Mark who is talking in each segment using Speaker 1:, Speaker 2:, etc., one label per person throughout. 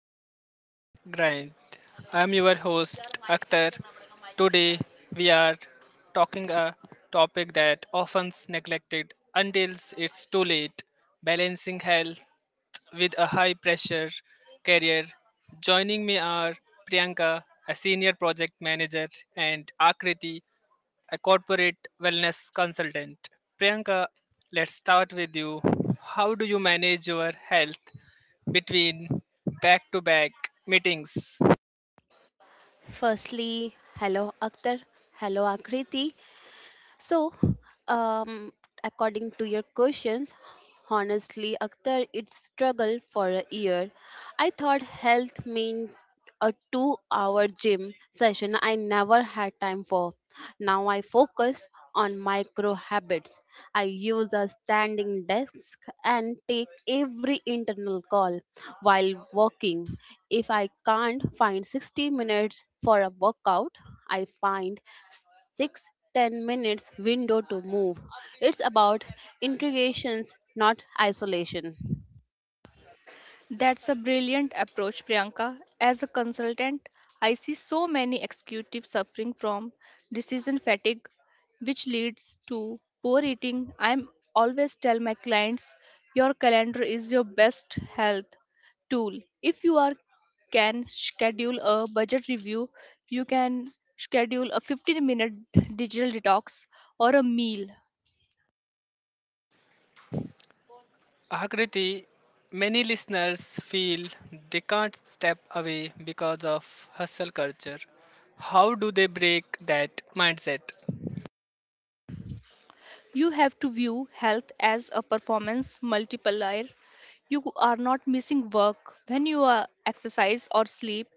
Speaker 1: The corporate grind. I am your host, Akhtar. Today we are talking a topic that often's neglected until it's too late, balancing health with a high pressure career. Joining me are Priyanka, a senior project manager, and Akriti, a corporate wellness consultant. Priyanka, let's start with you. How do you manage your health between back to back meetings?
Speaker 2: Firstly, hello Akhtar, hello Akriti, so, um, according to your questions, honestly, Akhtar, it struggled for a year. I thought health meant a 2 hour gym session I never had time for. Now I focus on micro habits. I use a standing desk and take every internal call while walking. If I can't find 60 minutes for a workout, I find six. 10 minutes window to move. It's about integrations, not isolation.
Speaker 3: That's a brilliant approach, Priyanka. As a consultant, I see so many executives suffering from decision fatigue, which leads to poor eating. I always tell my clients your calendar is your best health tool. If you are can schedule a budget review, you can schedule a 15-minute digital detox or a meal.
Speaker 1: Akriti, many listeners feel they can't step away because of hustle culture. How do they break that mindset?
Speaker 3: You have to view health as a performance multiplier. You are not missing work when you are exercise or sleep.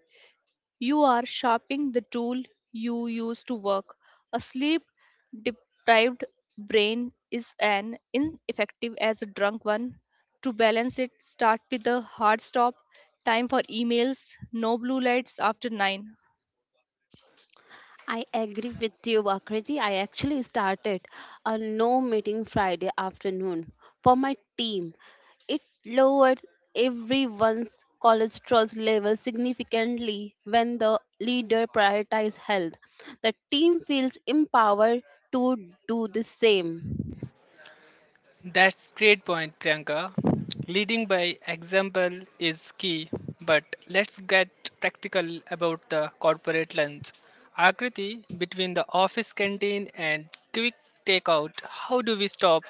Speaker 3: You are sharpening the tool you use to work. A sleep deprived brain is an ineffective as a drunk one. To balance it, start with a hard stop, time for emails, no blue lights after 9.
Speaker 2: I agree with you, Akriti. I actually started a no meeting Friday afternoon for my team. It lowered everyone's cholesterol level significantly when the leader prioritizes health. The team feels empowered to do the same.
Speaker 1: That's great point, Priyanka. Leading by example is key, but let's get practical about the corporate lunch. Akriti, between the office canteen and quick takeout, how do we stop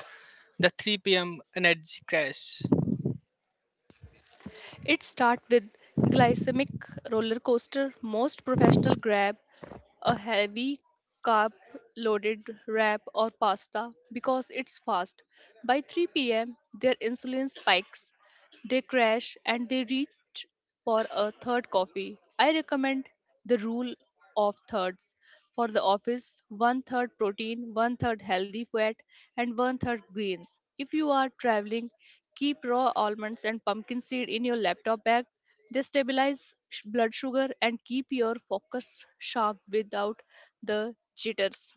Speaker 1: the 3 pm energy crash?
Speaker 3: It starts with glycemic roller coaster. Most professional grab a heavy carb loaded wrap or pasta because it's fast. By 3 p.m., their insulin spikes they crash and they reach for a third coffee. I recommend the rule of thirds for the office: one third protein, one third healthy fat, and one third greens. If you are traveling, keep raw almonds and pumpkin seed in your laptop bag. They stabilize blood sugar and keep your focus sharp without the jitters.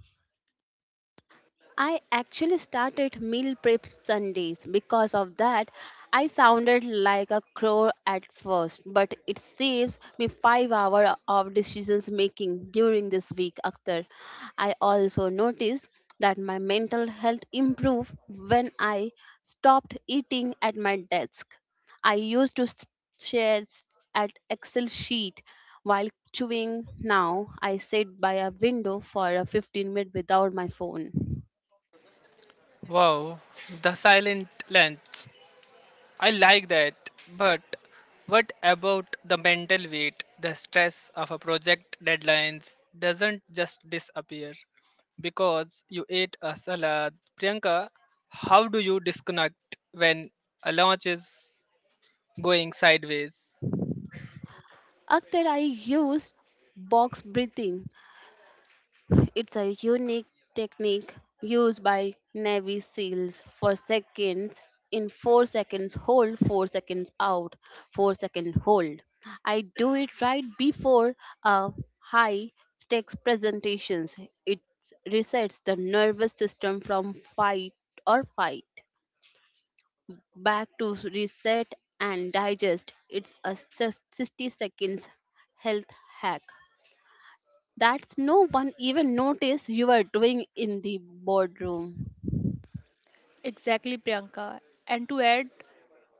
Speaker 2: I actually started meal prep Sundays. Because of that, I sounded like a crow at first, but it saves me 5 hours of decisions making during this week after. I also noticed that my mental health improved when I stopped eating at my desk. I used to share at Excel sheet while chewing. Now I sit by a window for a 15 minutes without my phone.
Speaker 1: Wow, the silent lunch. I like that, but what about the mental weight? The stress of a project deadlines doesn't just disappear because you ate a salad. Priyanka, how do you disconnect when a launch is going sideways?
Speaker 2: Akhtar, I use box breathing. It's a unique technique used by Navy SEALs for seconds in 4 seconds hold, 4 seconds out, 4-second hold. I do it right before a high stakes presentations. It resets the nervous system from fight or fight back to reset and digest. It's a 60 seconds health hack that no one even noticed you were doing in the boardroom.
Speaker 3: Exactly, Priyanka. And to add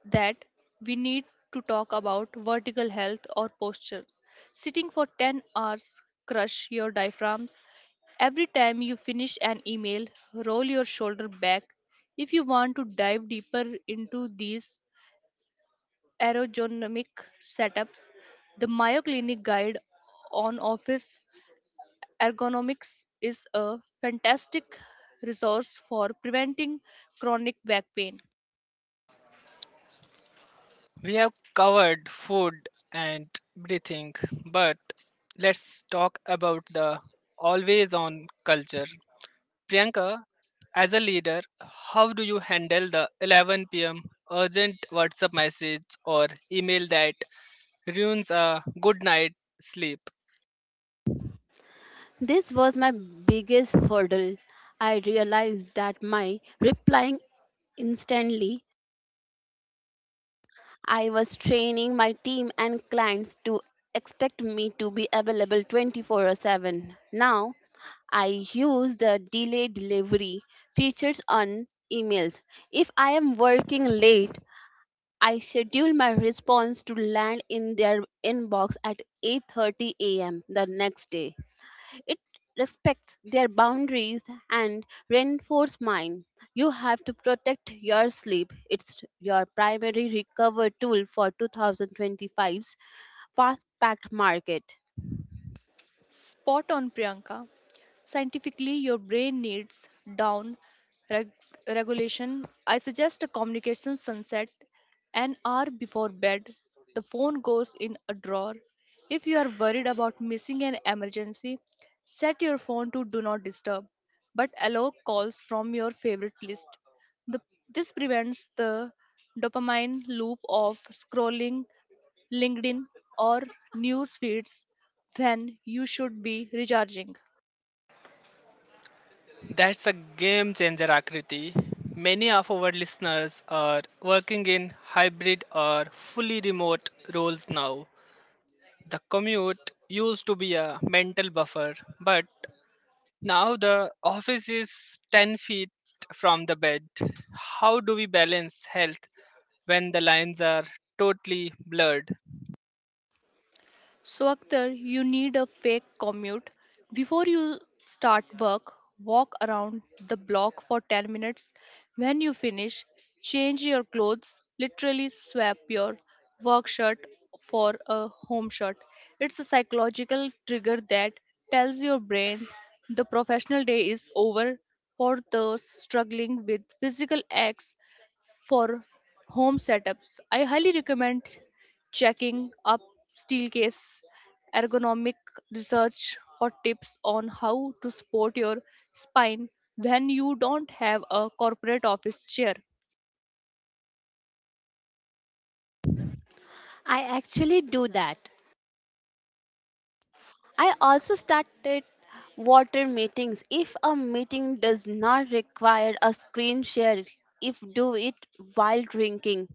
Speaker 3: that we need to talk about vertical health or posture. Sitting for 10 hours crush your diaphragm. Every time you finish an email, roll your shoulder back. If you want to dive deeper into these aerodynamic setups, the Mayo Clinic guide on office ergonomics is a fantastic resource for preventing chronic back pain.
Speaker 1: We have covered food and breathing, but let's talk about the always on culture. Priyanka, as a leader, how do you handle the 11 pm urgent WhatsApp message or email that ruins a good night sleep?
Speaker 2: This was my biggest hurdle. I realized that my replying instantly, I was training my team and clients to expect me to be available 24/7. Now, I use the delay delivery features on emails. If I am working late, I schedule my response to land in their inbox at 8:30 a.m. the next day. It respects their boundaries and reinforces mine. You have to protect your sleep. It's your primary recover tool for 2025's fast-packed market.
Speaker 3: Spot on, Priyanka. Scientifically, your brain needs down reg- regulation. I suggest a communication sunset an hour before bed. The phone goes in a drawer. If you are worried about missing an emergency, set your phone to do not disturb, but allow calls from your favorite list. The, this prevents the dopamine loop of scrolling LinkedIn, or news feeds when you should be recharging.
Speaker 1: That's a game changer, Akriti. Many of our listeners are working in hybrid or fully remote roles now. The commute used to be a mental buffer, but now the office is 10 feet from the bed. How do we balance health when the lines are totally blurred?
Speaker 3: So, Akhtar, you need a fake commute. Before you start work, walk around the block for 10 minutes. When you finish, change your clothes. Literally swap your work shirt for a home shirt. It's a psychological trigger that tells your brain the professional day is over for those struggling with physical acts for home setups. I highly recommend checking up Steelcase ergonomic research for tips on how to support your spine when you don't have a corporate office chair.
Speaker 2: I actually do that. I also started water meetings. If a meeting does not require a screen share, if do it while drinking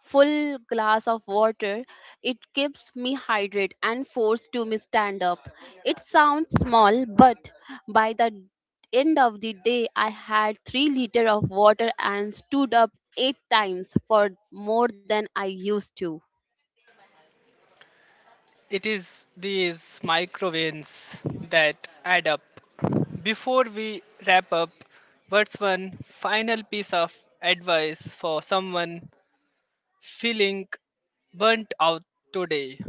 Speaker 2: full glass of water, it keeps me hydrated and forced to me stand up. It sounds small, but by the end of the day, I had 3 liter of water and stood up eight times for more than I used to.
Speaker 1: It is these micro wins that add up. Before we wrap up, what's one final piece of advice for someone feeling burnt out today?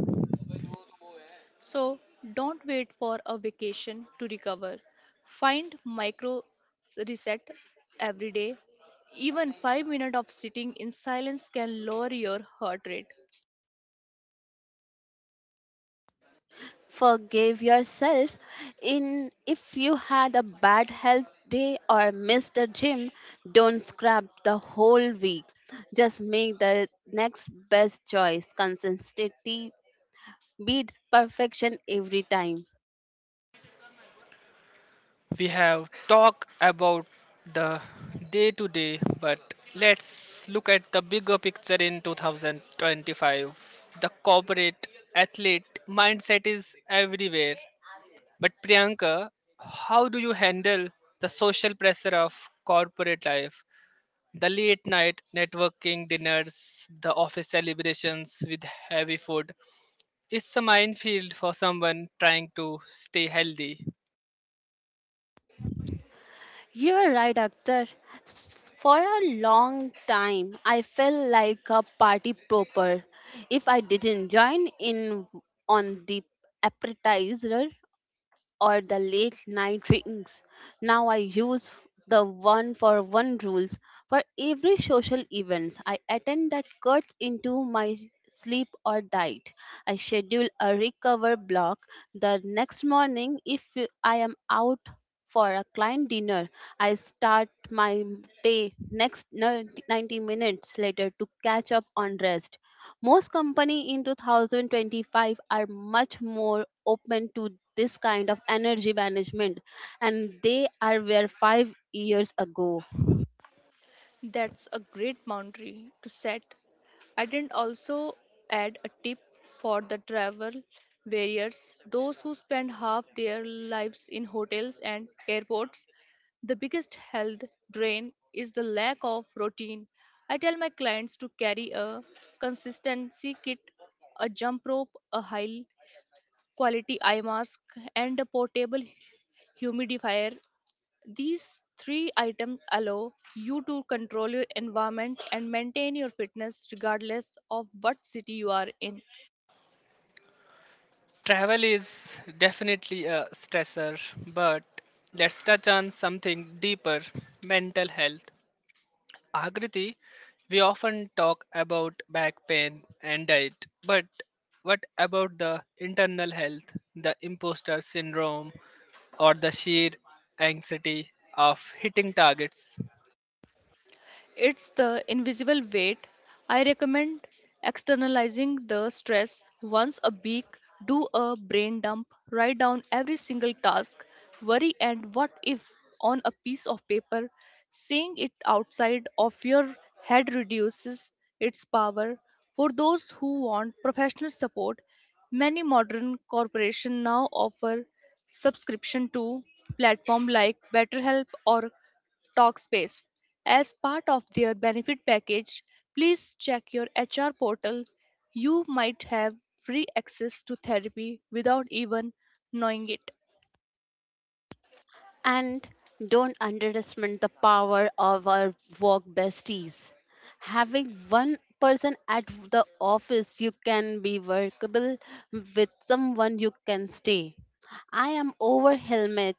Speaker 3: So, don't wait for a vacation to recover. Find micro reset every day. Even 5 minutes of sitting in silence can lower your heart rate.
Speaker 2: Forgive yourself. In if you had a bad health day or missed a gym, don't scrap the whole week. Just make the next best choice. Consistency beats perfection every time.
Speaker 1: We have talked about the day to day, but let's look at the bigger picture in 2025. The corporate athlete mindset is everywhere. But Priyanka, how do you handle the social pressure of corporate life? The late night networking dinners, the office celebrations with heavy food. It's a minefield for someone trying to stay healthy.
Speaker 2: You're right, Akhtar. For a long time, I felt like a party proper. If I didn't join in on the appetizer, or the late night drinks. Now I use the one for one rules for every social events I attend that cuts into my sleep or diet. I schedule a recover block the next morning if I am out for a client dinner. I start my day next 90 minutes later to catch up on rest. Most company in 2025 are much more open to this kind of energy management and they are were 5 years ago.
Speaker 3: That's a great boundary to set. I didn't also add a tip for the travel barriers. Those who spend half their lives in hotels and airports. The biggest health drain is the lack of routine. I tell my clients to carry a consistency kit, a jump rope, a high quality eye mask, and a portable humidifier. These three items allow you to control your environment and maintain your fitness regardless of what city you are in.
Speaker 1: Travel is definitely a stressor, but let's touch on something deeper, mental health. Agriti, we often talk about back pain and diet, but what about the internal health, the imposter syndrome, or the sheer anxiety of hitting targets?
Speaker 3: It's the invisible weight. I recommend externalizing the stress once a week. Do a brain dump. Write down every single task, worry, and what if on a piece of paper. Seeing it outside of your head reduces its power. For those who want professional support, many modern corporations now offer subscription to platform like BetterHelp or Talkspace. As part of their benefit package, please check your HR portal. You might have free access to therapy without even knowing it.
Speaker 2: And don't underestimate the power of our work besties. Having one person at the office you can be workable with someone you can stay. I am over helmet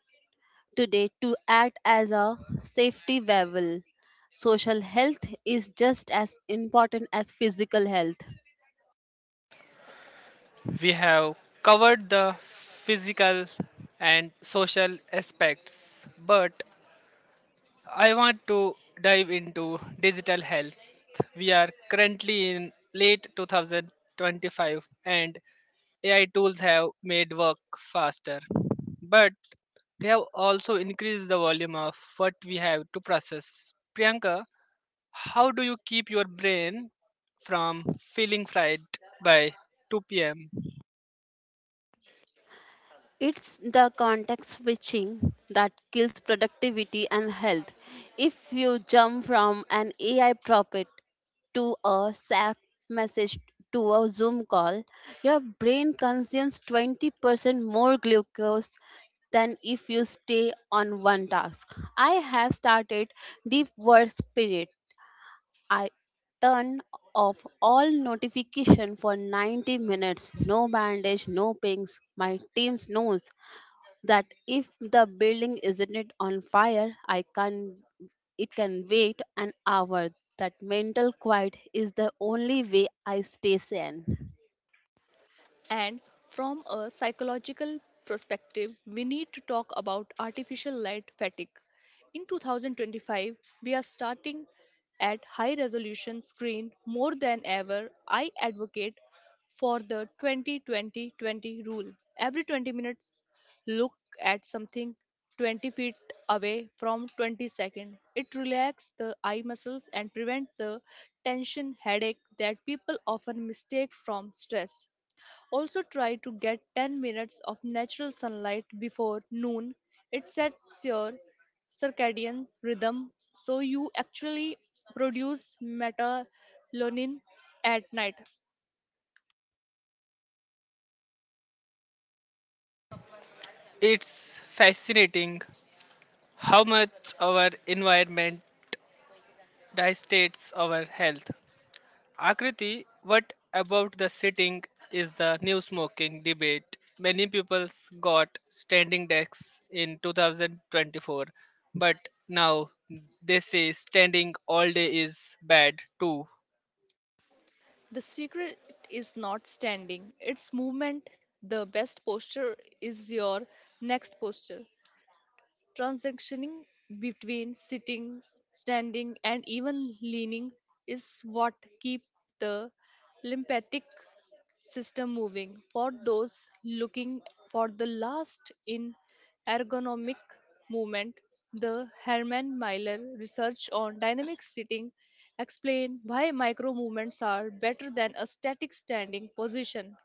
Speaker 2: today to act as a safety valve. Social health is just as important as physical health.
Speaker 1: We have covered the physical and social aspects, but I want to dive into digital health. We are currently in late 2025, and AI tools have made work faster, but they have also increased the volume of what we have to process. Priyanka, how do you keep your brain from feeling fried by 2 p.m.?
Speaker 2: It's the context switching that kills productivity and health. If you jump from an AI prompt to a SAP message to a Zoom call, your brain consumes 20% more glucose than if you stay on one task. I have started deep work spirit I turn off all notification for 90 minutes. No bandage, no pings. My team knows that if the building isn't on fire, I can it can wait an hour. That mental quiet is the only way I stay sane.
Speaker 3: And from a psychological perspective, we need to talk about artificial light fatigue. In 2025, we are starting at high resolution screen more than ever. I advocate for the 20-20-20 rule. Every 20 minutes, look at something 20 feet away from 20 seconds. It relaxes the eye muscles and prevents the tension headache that people often mistake from stress. Also try to get 10 minutes of natural sunlight before noon. It sets your circadian rhythm so you actually produce melatonin at night.
Speaker 1: It's fascinating how much our environment dictates our health. Akriti, what about the sitting is the new smoking debate? Many people got standing desks in 2024, but now they say standing all day is bad too.
Speaker 3: The secret is not standing, it's movement. The best posture is your next posture. Transitioning between sitting, standing, and even leaning is what keeps the lymphatic system moving for those looking for the last in ergonomic movement, the Herman Miller research on dynamic sitting explain why micro movements are better than a static standing position.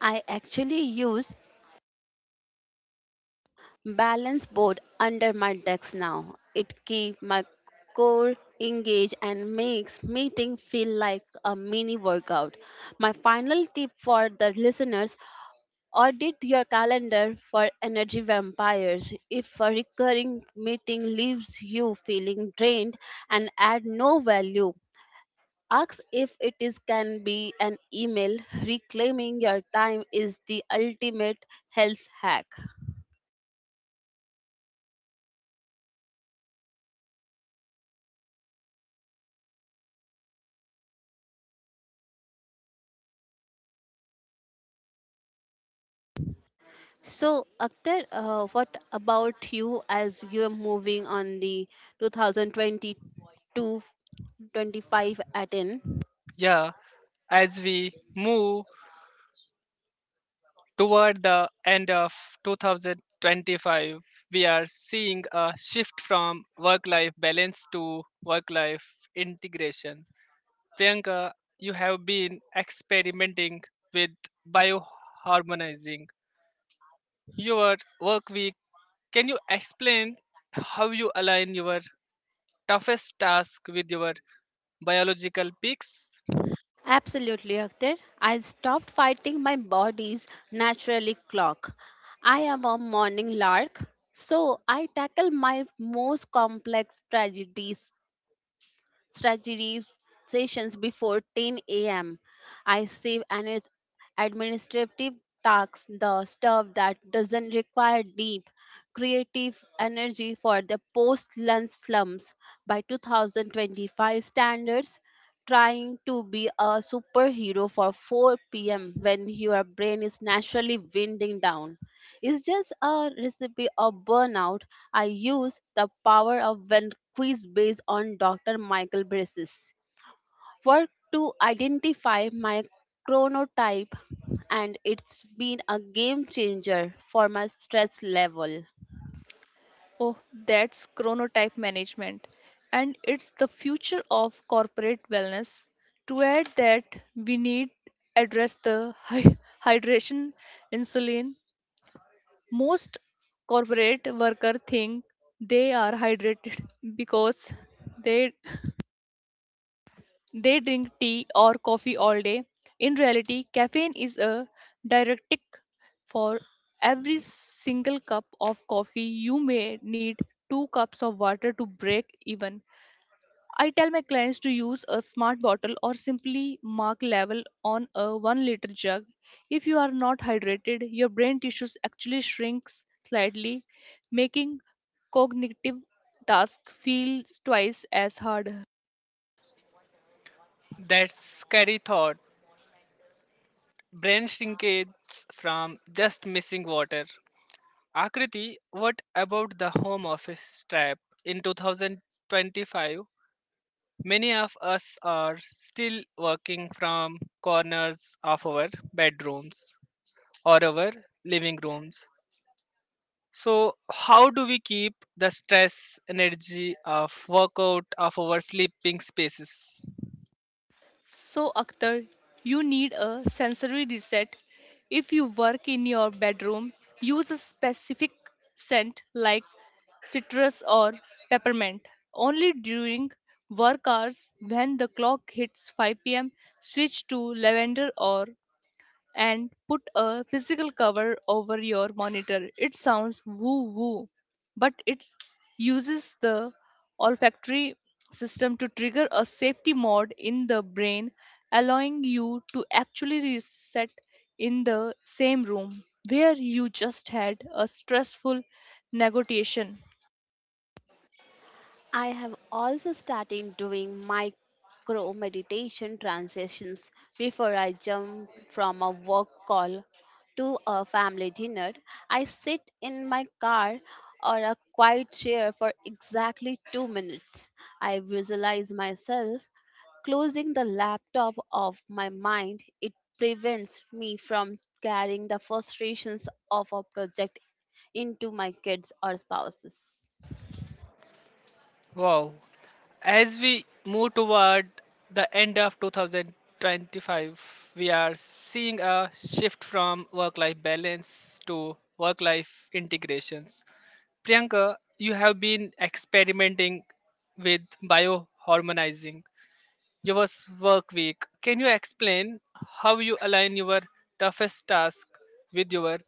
Speaker 2: I actually use balance board under my desk now. It keeps my core engaged and makes meeting feel like a mini workout. My final tip for the listeners audit your calendar for energy vampires. If a recurring meeting leaves you feeling drained and add no value, ask if it is can be an email. Reclaiming your time is the ultimate health hack. So, Akhtar, what about you as you're moving on the 2022 25 Aten?
Speaker 1: Yeah, as we move toward the end of 2025, we are seeing a shift from work life balance to work life integration. Priyanka, you have been experimenting with bioharmonizing your work week. Can you explain how you align your toughest task with your biological peaks?
Speaker 2: Absolutely, Akhtar. I stopped fighting my body's naturally clock. I am a morning lark, so I tackle my most complex tragedies strategy sessions before 10 a.m. I save and it's administrative tasks, the stuff that doesn't require deep creative energy for the post-lunch slumps. By 2025 standards, trying to be a superhero for 4 p.m. when your brain is naturally winding down it's just a recipe of burnout. I use the power of when quiz based on Dr. Michael Brace's work to identify my chronotype, and it's been a game changer for my stress level.
Speaker 3: Oh, that's chronotype management and it's the future of corporate wellness. To add that, we need address the hy- hydration insulin. Most corporate workers think they are hydrated because they they drink tea or coffee all day. In reality, caffeine is a diuretic. For every single cup of coffee, you may need 2 cups of water to break even. I tell my clients to use a smart bottle or simply mark level on a 1 liter jug. If you are not hydrated, your brain tissues actually shrinks slightly, making cognitive tasks feel twice as hard.
Speaker 1: That's scary thought. Brain shrinkage from just missing water. Akriti, what about the home office trap? In 2025, many of us are still working from corners of our bedrooms or our living rooms. So, how do we keep the stress energy of workout of our sleeping spaces?
Speaker 3: So, Akhtar, you need a sensory reset. If you work in your bedroom, use a specific scent like citrus or peppermint. Only during work hours when the clock hits 5 p.m., switch to lavender or and put a physical cover over your monitor. It sounds woo woo, but it uses the olfactory system to trigger a safety mode in the brain, allowing you to actually reset in the same room where you just had a stressful negotiation.
Speaker 2: I have also started doing micro meditation transitions before I jump from a work call to a family dinner. I sit in my car or a quiet chair for exactly 2 minutes. I visualize myself closing the laptop of my mind. It prevents me from carrying the frustrations of a project into my kids or spouses.
Speaker 1: Wow, as we move toward the end of 2025, we are seeing a shift from work life balance to work life integrations. Priyanka, you have been experimenting with bioharmonizing your work week. Can you explain how you align your toughest task with your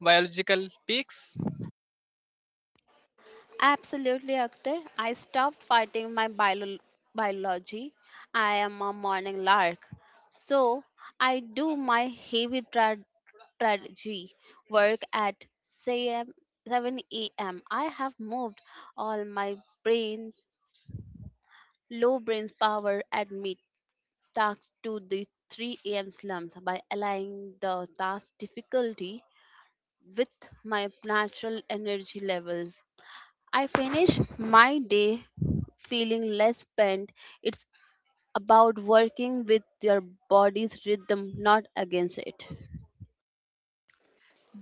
Speaker 1: biological peaks?
Speaker 2: Absolutely, Akhtar. I stopped fighting my biology. I am a morning lark. So I do my heavy strategy work at 7 a.m. I have moved all my brain, low brain power at mid tasks to the 3 a.m. slump by aligning the task difficulty with my natural energy levels. I finish my day feeling less spent. It's about working with your body's rhythm, not against it.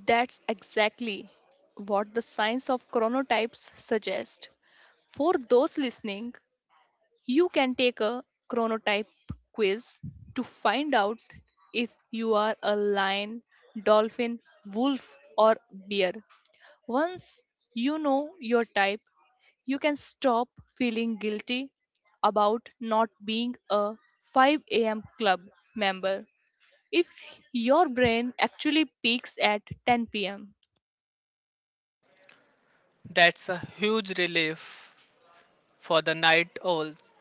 Speaker 3: That's exactly what the science of chronotypes suggests. For those listening, you can take a chronotype quiz to find out if you are a lion, dolphin, wolf, or bear. Once you know your type, you can stop feeling guilty about not being a 5 a.m. club member if your brain actually peaks at 10 p.m.
Speaker 1: That's a huge relief for the night owls.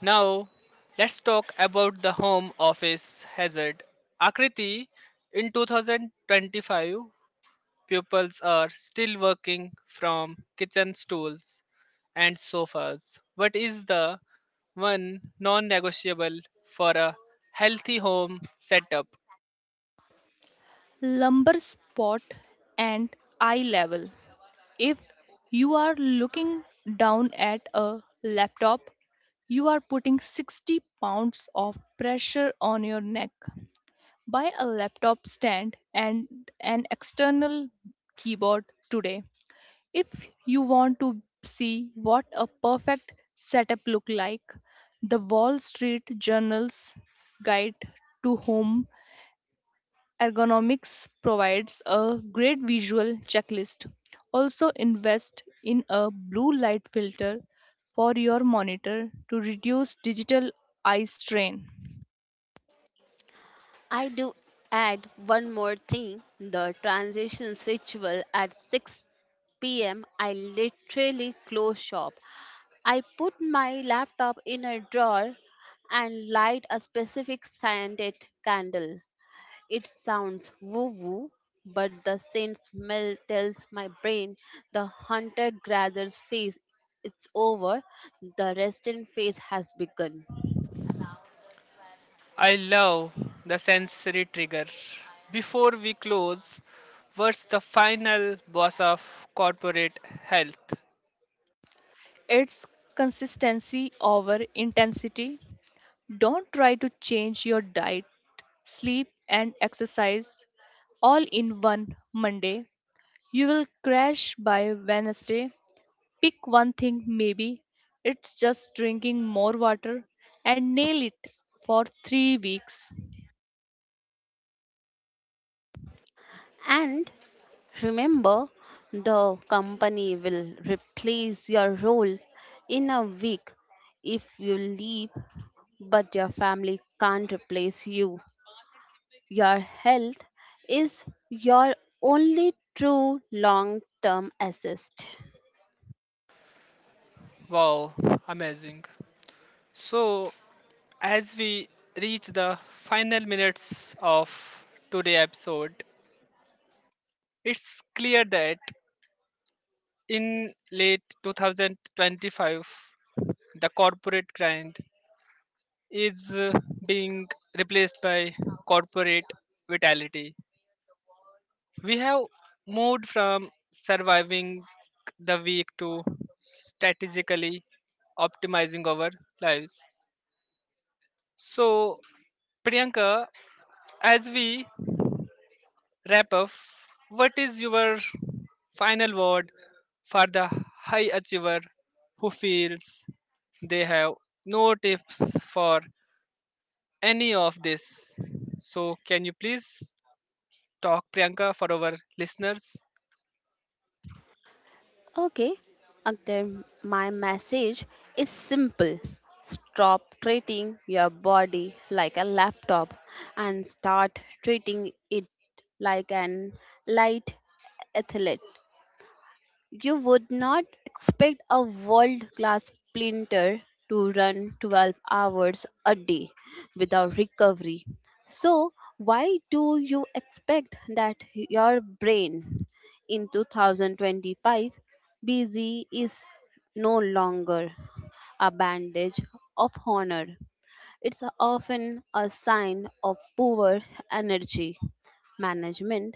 Speaker 1: Now, let's talk about the home office hazard. Akriti, in 2025, pupils are still working from kitchen stools and sofas. What is the one non negotiable for a healthy home setup?
Speaker 3: Lumbar spot and eye level. If you are looking down at a laptop, you are putting 60 pounds of pressure on your neck. Buy a laptop stand and an external keyboard today. If you want to see what a perfect setup look like, the Wall Street Journal's Guide to Home Ergonomics provides a great visual checklist. Also, invest in a blue light filter for your monitor to reduce digital eye strain.
Speaker 2: I do add one more thing the transitions ritual at 6 pm. I literally close shop. I put my laptop in a drawer and light a specific scented candle. It sounds woo woo, but the scent smell tells my brain the hunter gatherer's phase it's over, the resident phase has begun.
Speaker 1: I love the sensory trigger. Before we close, what's the final boss of corporate health?
Speaker 3: It's consistency over intensity. Don't try to change your diet, sleep, and exercise all in one Monday. You will crash by Wednesday. Pick one thing, maybe it's just drinking more water, and nail it for 3 weeks.
Speaker 2: And remember, the company will replace your role in a week if you leave, but your family can't replace you. Your health is your only true long term assist.
Speaker 1: Wow, amazing. So, as we reach the final minutes of today's episode, it's clear that in late 2025, the corporate grind is being replaced by corporate vitality. We have moved from surviving the week to strategically optimizing our lives. So, Priyanka, as we wrap up, what is your final word for the high achiever who feels they have no tips for any of this? So, can you please talk, Priyanka, for our listeners?
Speaker 2: Okay, Akhtar, my message is simple. Stop treating your body like a laptop and start treating it like an light athlete. You would not expect a world class sprinter to run 12 hours a day without recovery. So, why do you expect that your brain in 2025 busy is no longer a bandage of honor? It's often a sign of poor energy management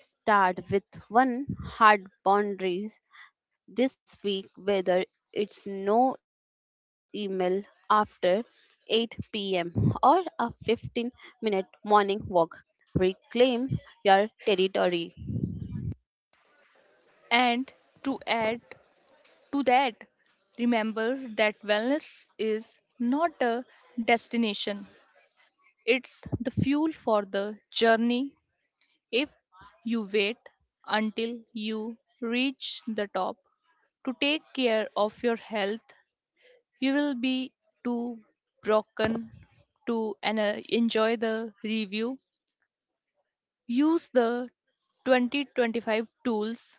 Speaker 2: start with one hard boundaries this week whether it's no email after 8 p.m. or a 15-minute morning walk. Reclaim your territory.
Speaker 3: And to add to that, remember that wellness is not a destination, it's the fuel for the journey. If you wait until you reach the top to take care of your health, you will be too broken to enjoy the review. Use the 2025 tools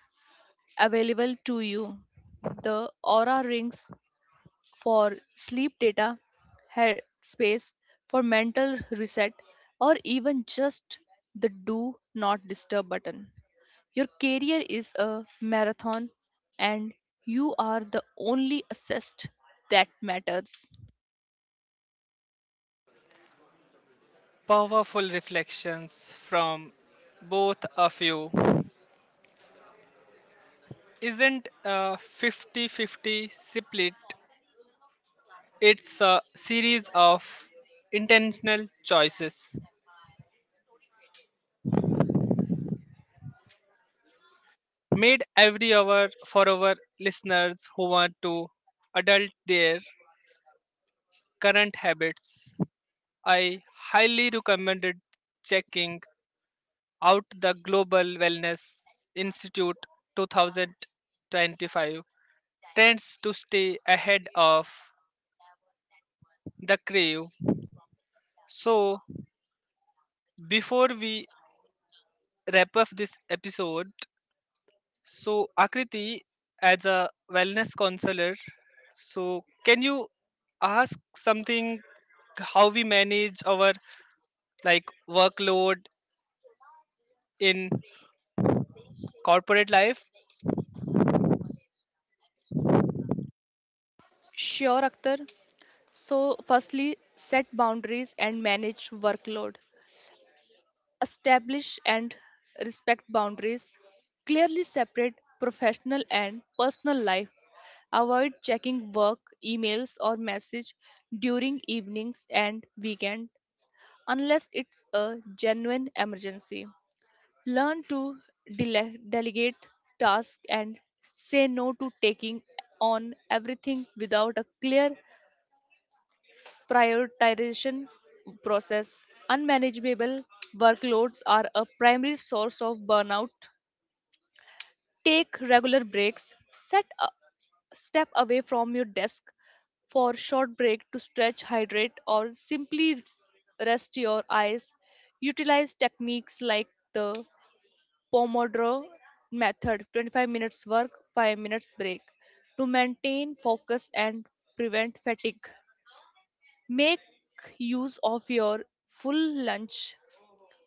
Speaker 3: available to you. The Aura Rings for sleep data, Headspace for mental reset, or even just the do not disturb button. Your career is a marathon and you are the only assessed that matters.
Speaker 1: Powerful reflections from both of you. Isn't a 50-50 split, it's a series of intentional choices made every hour for our listeners who want to adult their current habits. I highly recommended checking out the Global Wellness Institute 2025 trends to stay ahead of the crave. So, before we wrap up this episode, so Akriti, as a wellness counselor, so can you ask something how we manage our like workload in corporate life?
Speaker 3: Sure, Akhtar. So, firstly, set boundaries and manage workload. Establish and respect boundaries, clearly separate professional and personal life, avoid checking work emails or message during evenings and weekends unless it's a genuine emergency. Learn to delegate tasks and say no to taking on everything without a clear prioritization process. Unmanageable workloads are a primary source of burnout. Take regular breaks. Set a step away from your desk for short break to stretch, hydrate, or simply rest your eyes. Utilize techniques like the Pomodoro method: 25 minutes work, 5 minutes break to maintain focus and prevent fatigue. Make use of your full lunch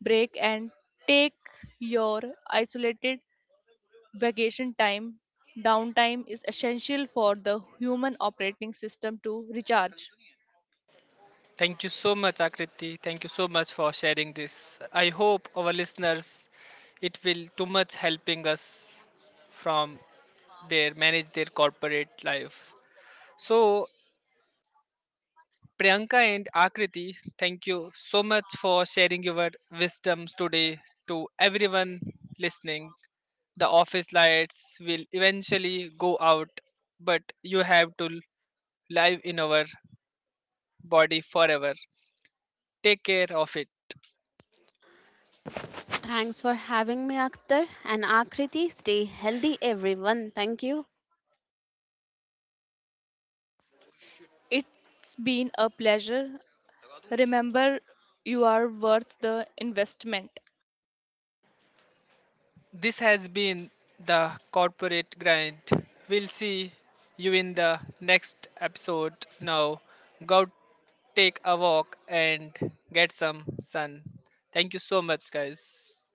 Speaker 3: break and take your isolated vacation time. Downtime is essential for the human operating system to recharge.
Speaker 1: Thank you so much, Akriti. Thank you so much for sharing this. I hope our listeners it will too much helping us from their manage their corporate life. So Priyanka and Akriti, thank you so much for sharing your wisdoms today. To everyone listening, the office lights will eventually go out, but you have to live in our body forever. Take care of it.
Speaker 2: Thanks for having me, Akhtar and Akriti. Stay healthy, everyone. Thank you.
Speaker 3: It's been a pleasure. Remember, you are worth the investment.
Speaker 1: This has been the corporate grind. We'll see you in the next episode. Now, go take a walk and get some sun. Thank you so much, guys.